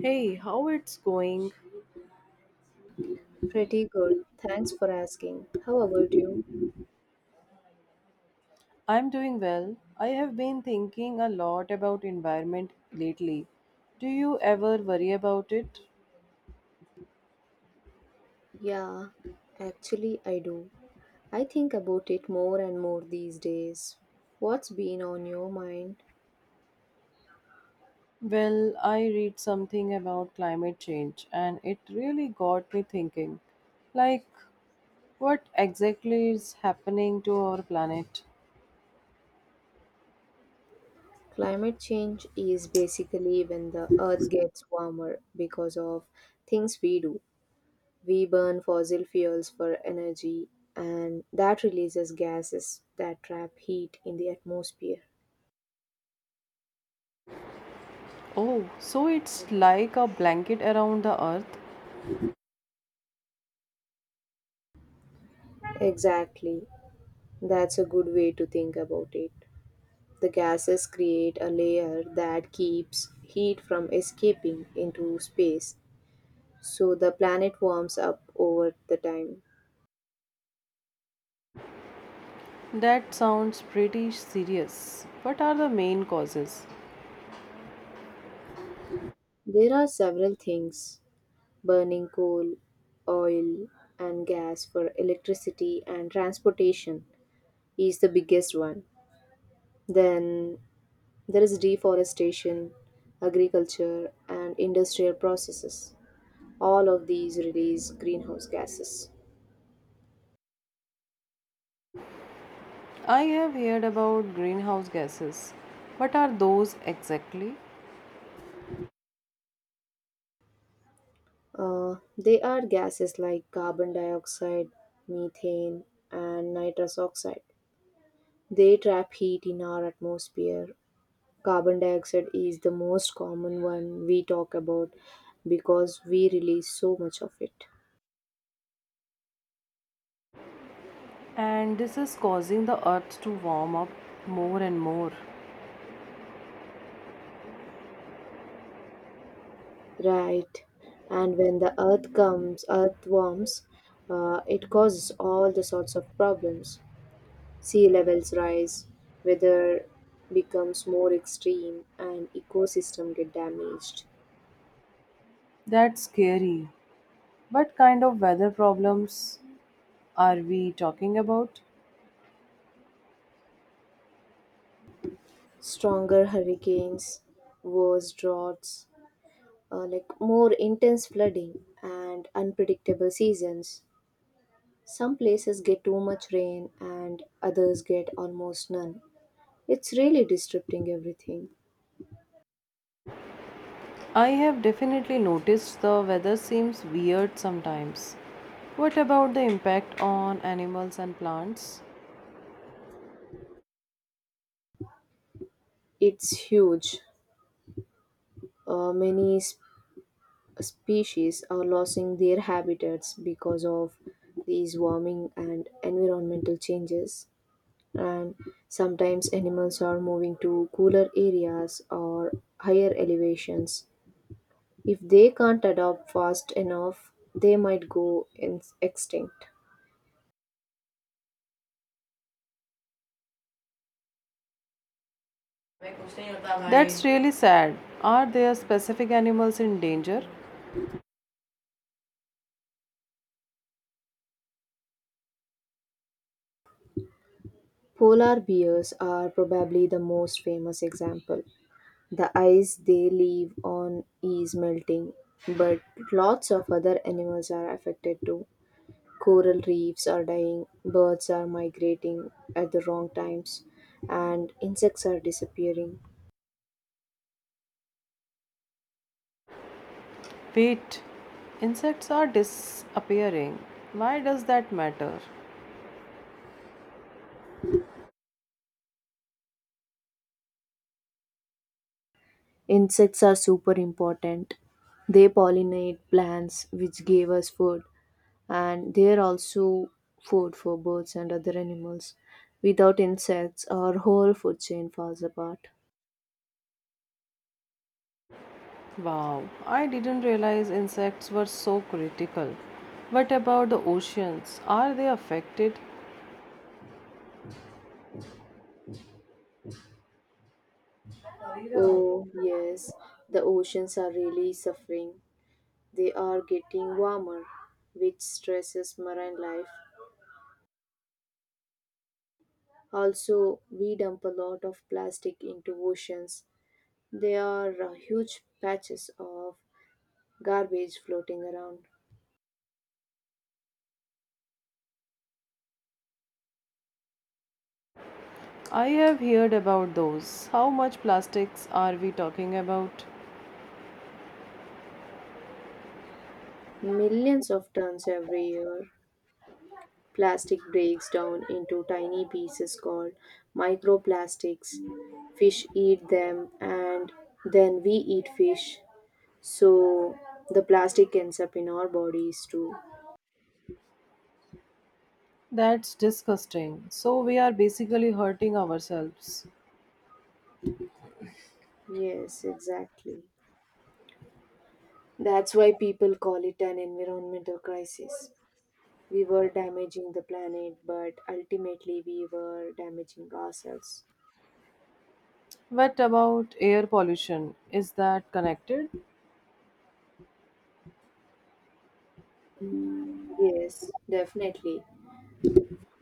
Hey, how it's going? Pretty good. Thanks for asking. How about you? I'm doing well. I have been thinking a lot about environment lately. Do you ever worry about it? Yeah, actually, I do. I think about it more and more these days. What's been on your mind? Well, I read something about climate change and it really got me thinking. Like what exactly is happening to our planet? Climate change is basically when the earth gets warmer because of things we do. We burn fossil fuels for energy, and that releases gases that trap heat in the atmosphere. Oh, so it's like a blanket around the earth? Exactly. That's a good way to think about it. The gases create a layer that keeps heat from escaping into space, so the planet warms up over the time. That sounds pretty serious. What are the main causes? There are several things: burning coal, oil, and gas for electricity and transportation is the biggest one. Then there is deforestation, agriculture, and industrial processes. All of these release greenhouse gases. I have heard about greenhouse gases. What are those exactly? They are gases like carbon dioxide, methane, and nitrous oxide. They trap heat in our atmosphere. Carbon dioxide is the most common one we talk about because we release so much of it. And this is causing the earth to warm up more and more. Right. And when earth warms, it causes all the sorts of problems. Sea levels rise, weather becomes more extreme, and ecosystem get damaged. That's scary. What kind of weather problems are we talking about? Stronger hurricanes, worse droughts, more intense flooding, and unpredictable seasons. Some places get too much rain, and others get almost none. It's really disrupting everything. I have definitely noticed the weather seems weird sometimes. What about the impact on animals and plants? It's huge. Many species are losing their habitats because of these warming and environmental changes. And sometimes animals are moving to cooler areas or higher elevations. If they can't adapt fast enough, they might go extinct. That's really sad. Are there specific animals in danger? Polar bears are probably the most famous example. The ice they live on is melting, but lots of other animals are affected too. Coral reefs are dying, birds are migrating at the wrong times, and insects are disappearing. Wait, insects are disappearing. Why does that matter? Insects are super important. They pollinate plants, which give us food, and they are also food for birds and other animals. Without insects, our whole food chain falls apart. Wow, I didn't realize insects were so critical. What about the oceans? Are they affected? Oh, yes, the oceans are really suffering. They are getting warmer, which stresses marine life. Also, we dump a lot of plastic into oceans. There are huge patches of garbage floating around. I have heard about those. How much plastics are we talking about? Millions of tons every year. Plastic breaks down into tiny pieces called microplastics. Fish eat them and then we eat fish. So the plastic ends up in our bodies too. That's disgusting. So we are basically hurting ourselves. Yes, exactly. That's why people call it an environmental crisis. We were damaging the planet, but ultimately we were damaging ourselves. What about air pollution? Is that connected? Yes, definitely.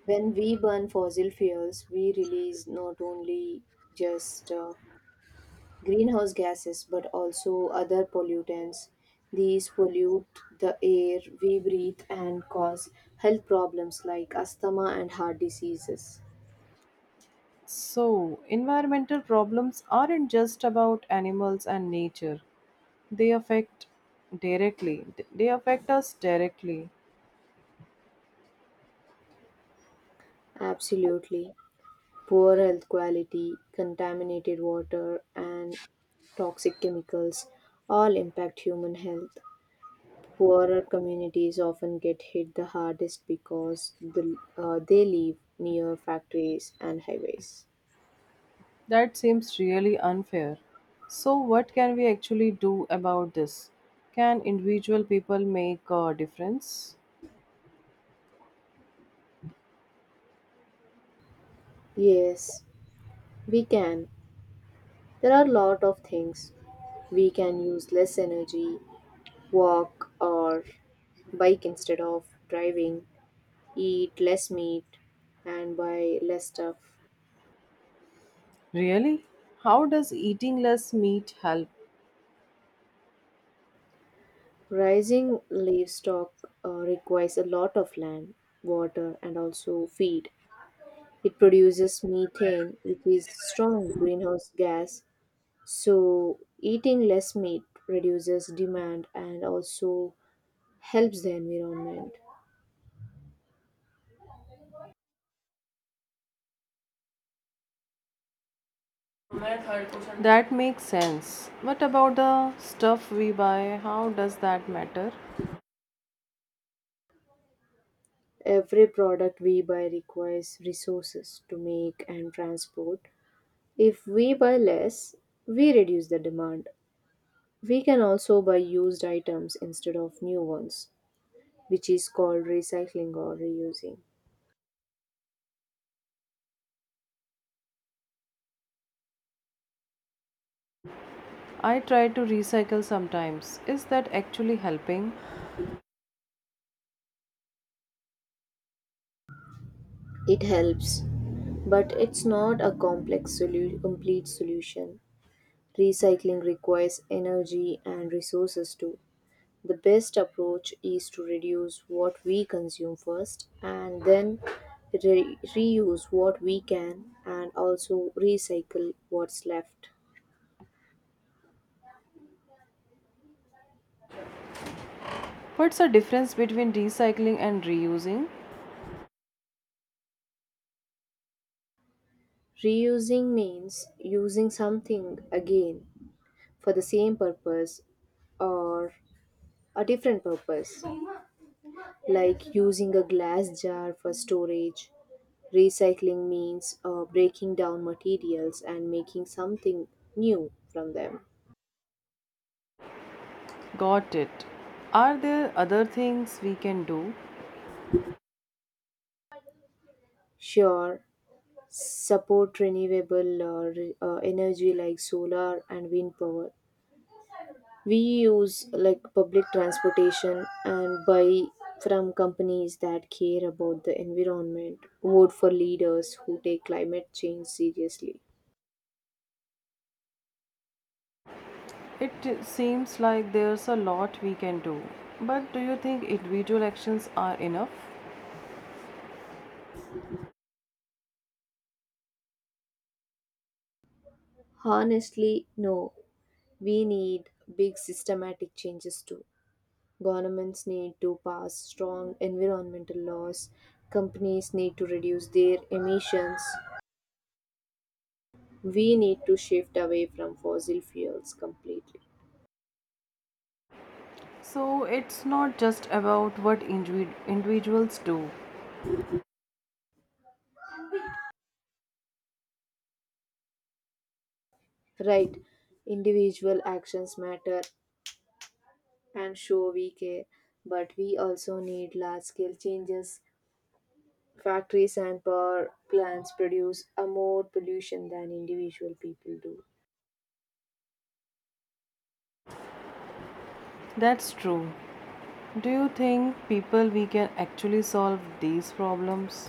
When we burn fossil fuels, we release not only just greenhouse gases but also other pollutants. These pollute the air we breathe and cause health problems like asthma and heart diseases. So, environmental problems aren't just about animals and nature. They affect directly. They affect us directly. Absolutely. Poor health quality, contaminated water, and toxic chemicals all impact human health. Poorer communities often get hit the hardest because they live near factories and highways. That seems really unfair. So, what can we actually do about this? Can individual people make a difference? Yes, we can. There are a lot of things. We can use less energy, walk or bike instead of driving, eat less meat, and buy less stuff. Really? How does eating less meat help? Raising livestock requires a lot of land, water, and also feed. It produces methane, which is strong greenhouse gas. So eating less meat reduces demand and also helps the environment. That makes sense. What about the stuff we buy? How does that matter? Every product we buy requires resources to make and transport. If we buy less, we reduce the demand. We can also buy used items instead of new ones, which is called recycling or reusing. I try to recycle sometimes. Is that actually helping? It helps, but it's not a complete solution. Recycling requires energy and resources too. The best approach is to reduce what we consume first and then reuse what we can and also recycle what's left. What's the difference between recycling and reusing? Reusing means using something again for the same purpose or a different purpose, like using a glass jar for storage. Recycling means breaking down materials and making something new from them. Got it. Are there other things we can do? Sure, support renewable energy like solar and wind power. We use like public transportation and buy from companies that care about the environment. Vote for leaders who take climate change seriously. It seems like there's a lot we can do. But do you think individual actions are enough? Honestly, no. We need big systematic changes too. Governments need to pass strong environmental laws, companies need to reduce their emissions. We need to shift away from fossil fuels completely. So it's not just about what individuals do. Right, individual actions matter and show we care, but we also need large scale changes. Factories and power plants produce a more pollution than individual people do. That's true. Do you think people we can actually solve these problems?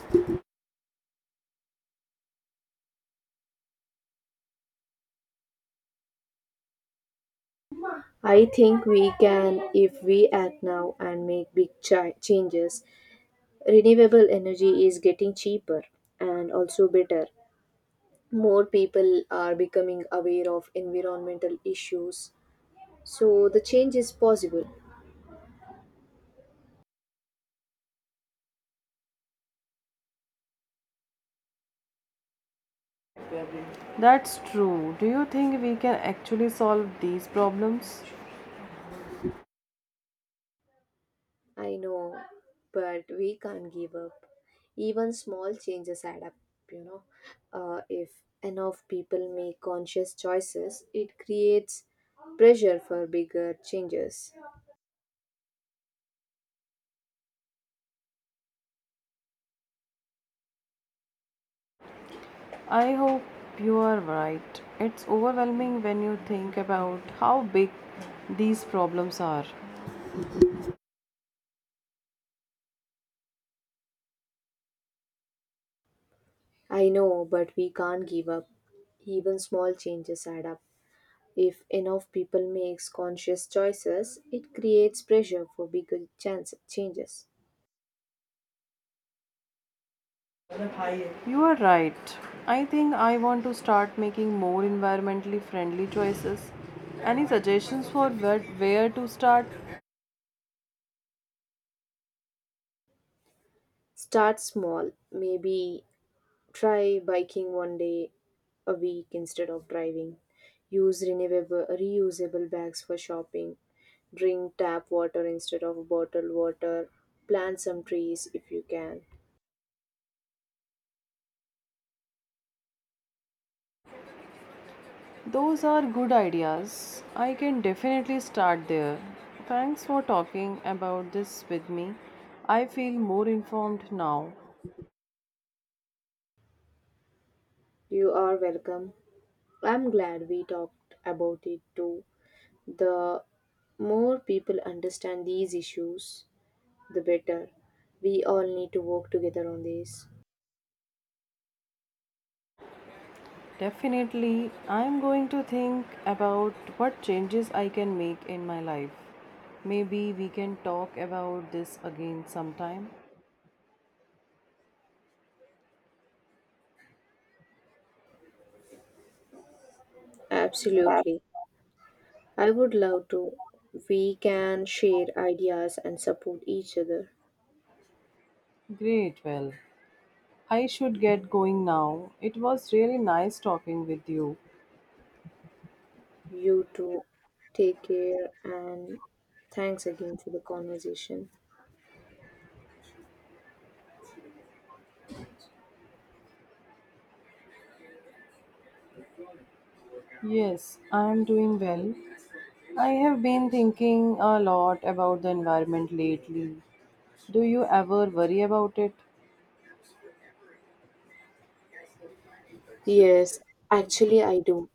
I think we can if we act now and make big changes. Renewable energy is getting cheaper and also better. More people are becoming aware of environmental issues. So the change is possible. That's true. Do you think we can actually solve these problems? I know, but we can't give up. Even small changes add up, you know. If enough people make conscious choices, it creates pressure for bigger changes. I hope you are right. It's overwhelming when you think about how big these problems are. I know, but we can't give up. Even small changes add up. If enough people makes conscious choices, it creates pressure for bigger chance changes. You are right. I think I want to start making more environmentally friendly choices. Any suggestions for where to start? Start small. Maybe try biking one day a week instead of driving. Use renewable reusable bags for shopping. Drink tap water instead of bottled water. Plant some trees if you can. Those are good ideas. I can definitely start there. Thanks for talking about this with me. I feel more informed now. You are welcome. I'm glad we talked about it too. The more people understand these issues, the better. We all need to work together on this. Definitely, I am going to think about what changes I can make in my life. Maybe we can talk about this again sometime. Absolutely. I would love to. We can share ideas and support each other. Great, well, I should get going now. It was really nice talking with you. You too. Take care and thanks again for the conversation. Yes, I am doing well. I have been thinking a lot about the environment lately. Do you ever worry about it? Yes, actually, I do.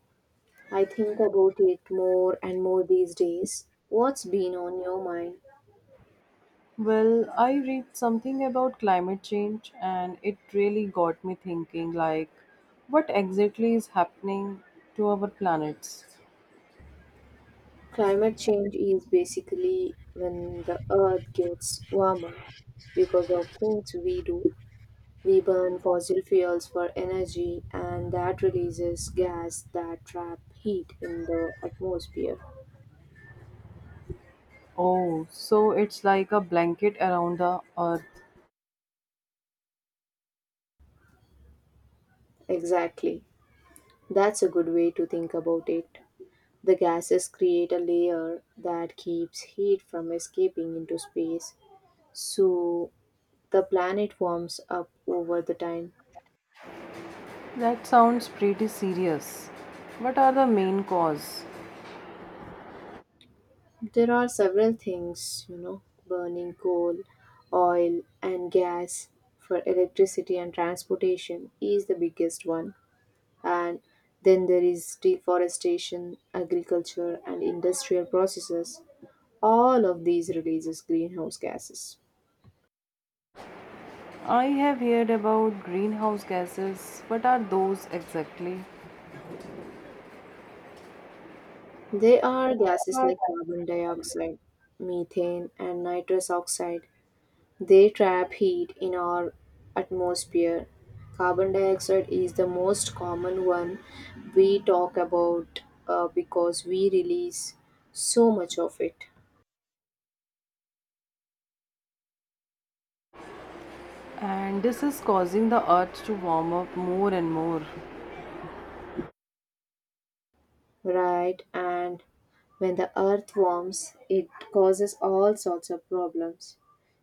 I think about it more and more these days. What's been on your mind? Well, I read something about climate change and it really got me thinking. What exactly is happening to our planets? Climate change is basically when the earth gets warmer because of things we do. We burn fossil fuels for energy, and that releases gas that trap heat in the atmosphere. Oh, so it's like a blanket around the earth. Exactly. That's a good way to think about it. The gases create a layer that keeps heat from escaping into space, so the planet warms up over the time. That sounds pretty serious. What are the main cause? There are several things, you know, burning coal, oil, and gas for electricity and transportation is the biggest one. And then there is deforestation, agriculture, and industrial processes. All of these releases greenhouse gases. I have heard about greenhouse gases. What are those exactly? They are gases like carbon dioxide, methane, and nitrous oxide. They trap heat in our atmosphere. Carbon dioxide is the most common one we talk about because we release so much of it, And this is causing the earth to warm up more and more. right? And when the earth warms, it causes all sorts of problems.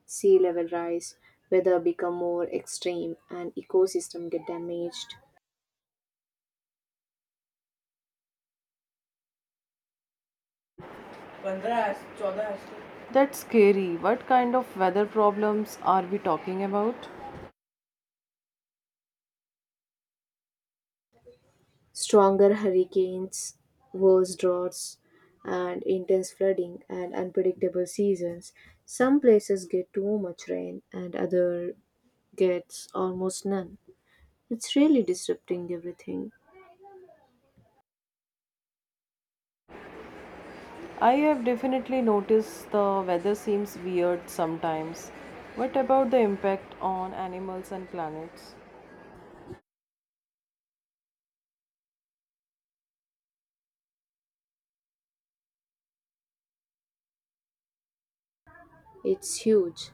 Sea level rise, weather become more extreme, and ecosystem get damaged. That's scary. What kind of weather problems are we talking about? Stronger hurricanes, worse droughts, and intense flooding and unpredictable seasons. Some places get too much rain and other gets almost none. It's really disrupting everything. I have definitely noticed the weather seems weird sometimes. What about the impact on animals and planets? It's huge.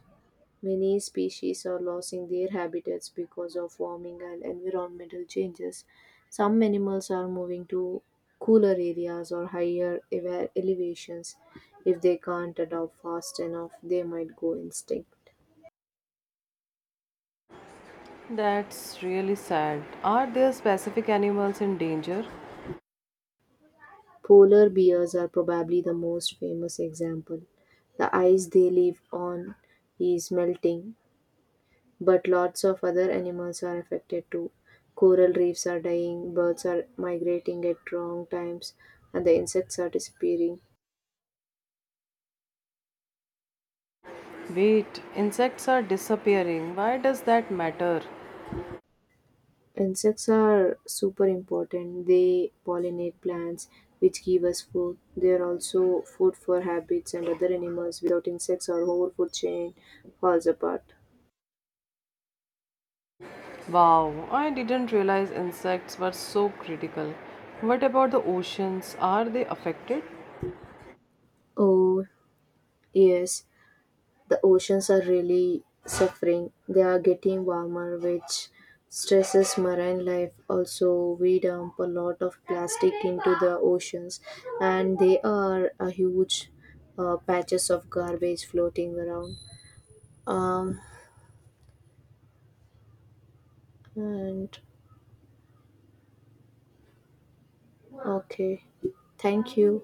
Many species are losing their habitats because of warming and environmental changes. Some animals are moving to cooler areas or elevations. If they can't adapt fast enough, they might go extinct. That's really sad. Are there specific animals in danger? Polar bears are probably the most famous example. The ice they live on is melting, but lots of other animals are affected too. Coral reefs are dying, birds are migrating at wrong times, and the insects are disappearing. Wait, insects are disappearing. Why does that matter? Insects are super important. They pollinate plants, which give us food. They are also food for habits and other animals. Without insects, our whole food chain falls apart. Wow, I didn't realize insects were so critical. What about the oceans? Are they affected? Oh, yes. The oceans are really suffering. They are getting warmer, which stresses marine life. Also, we dump a lot of plastic into the oceans, and they are a huge patches of garbage floating around. Um, and okay, thank you.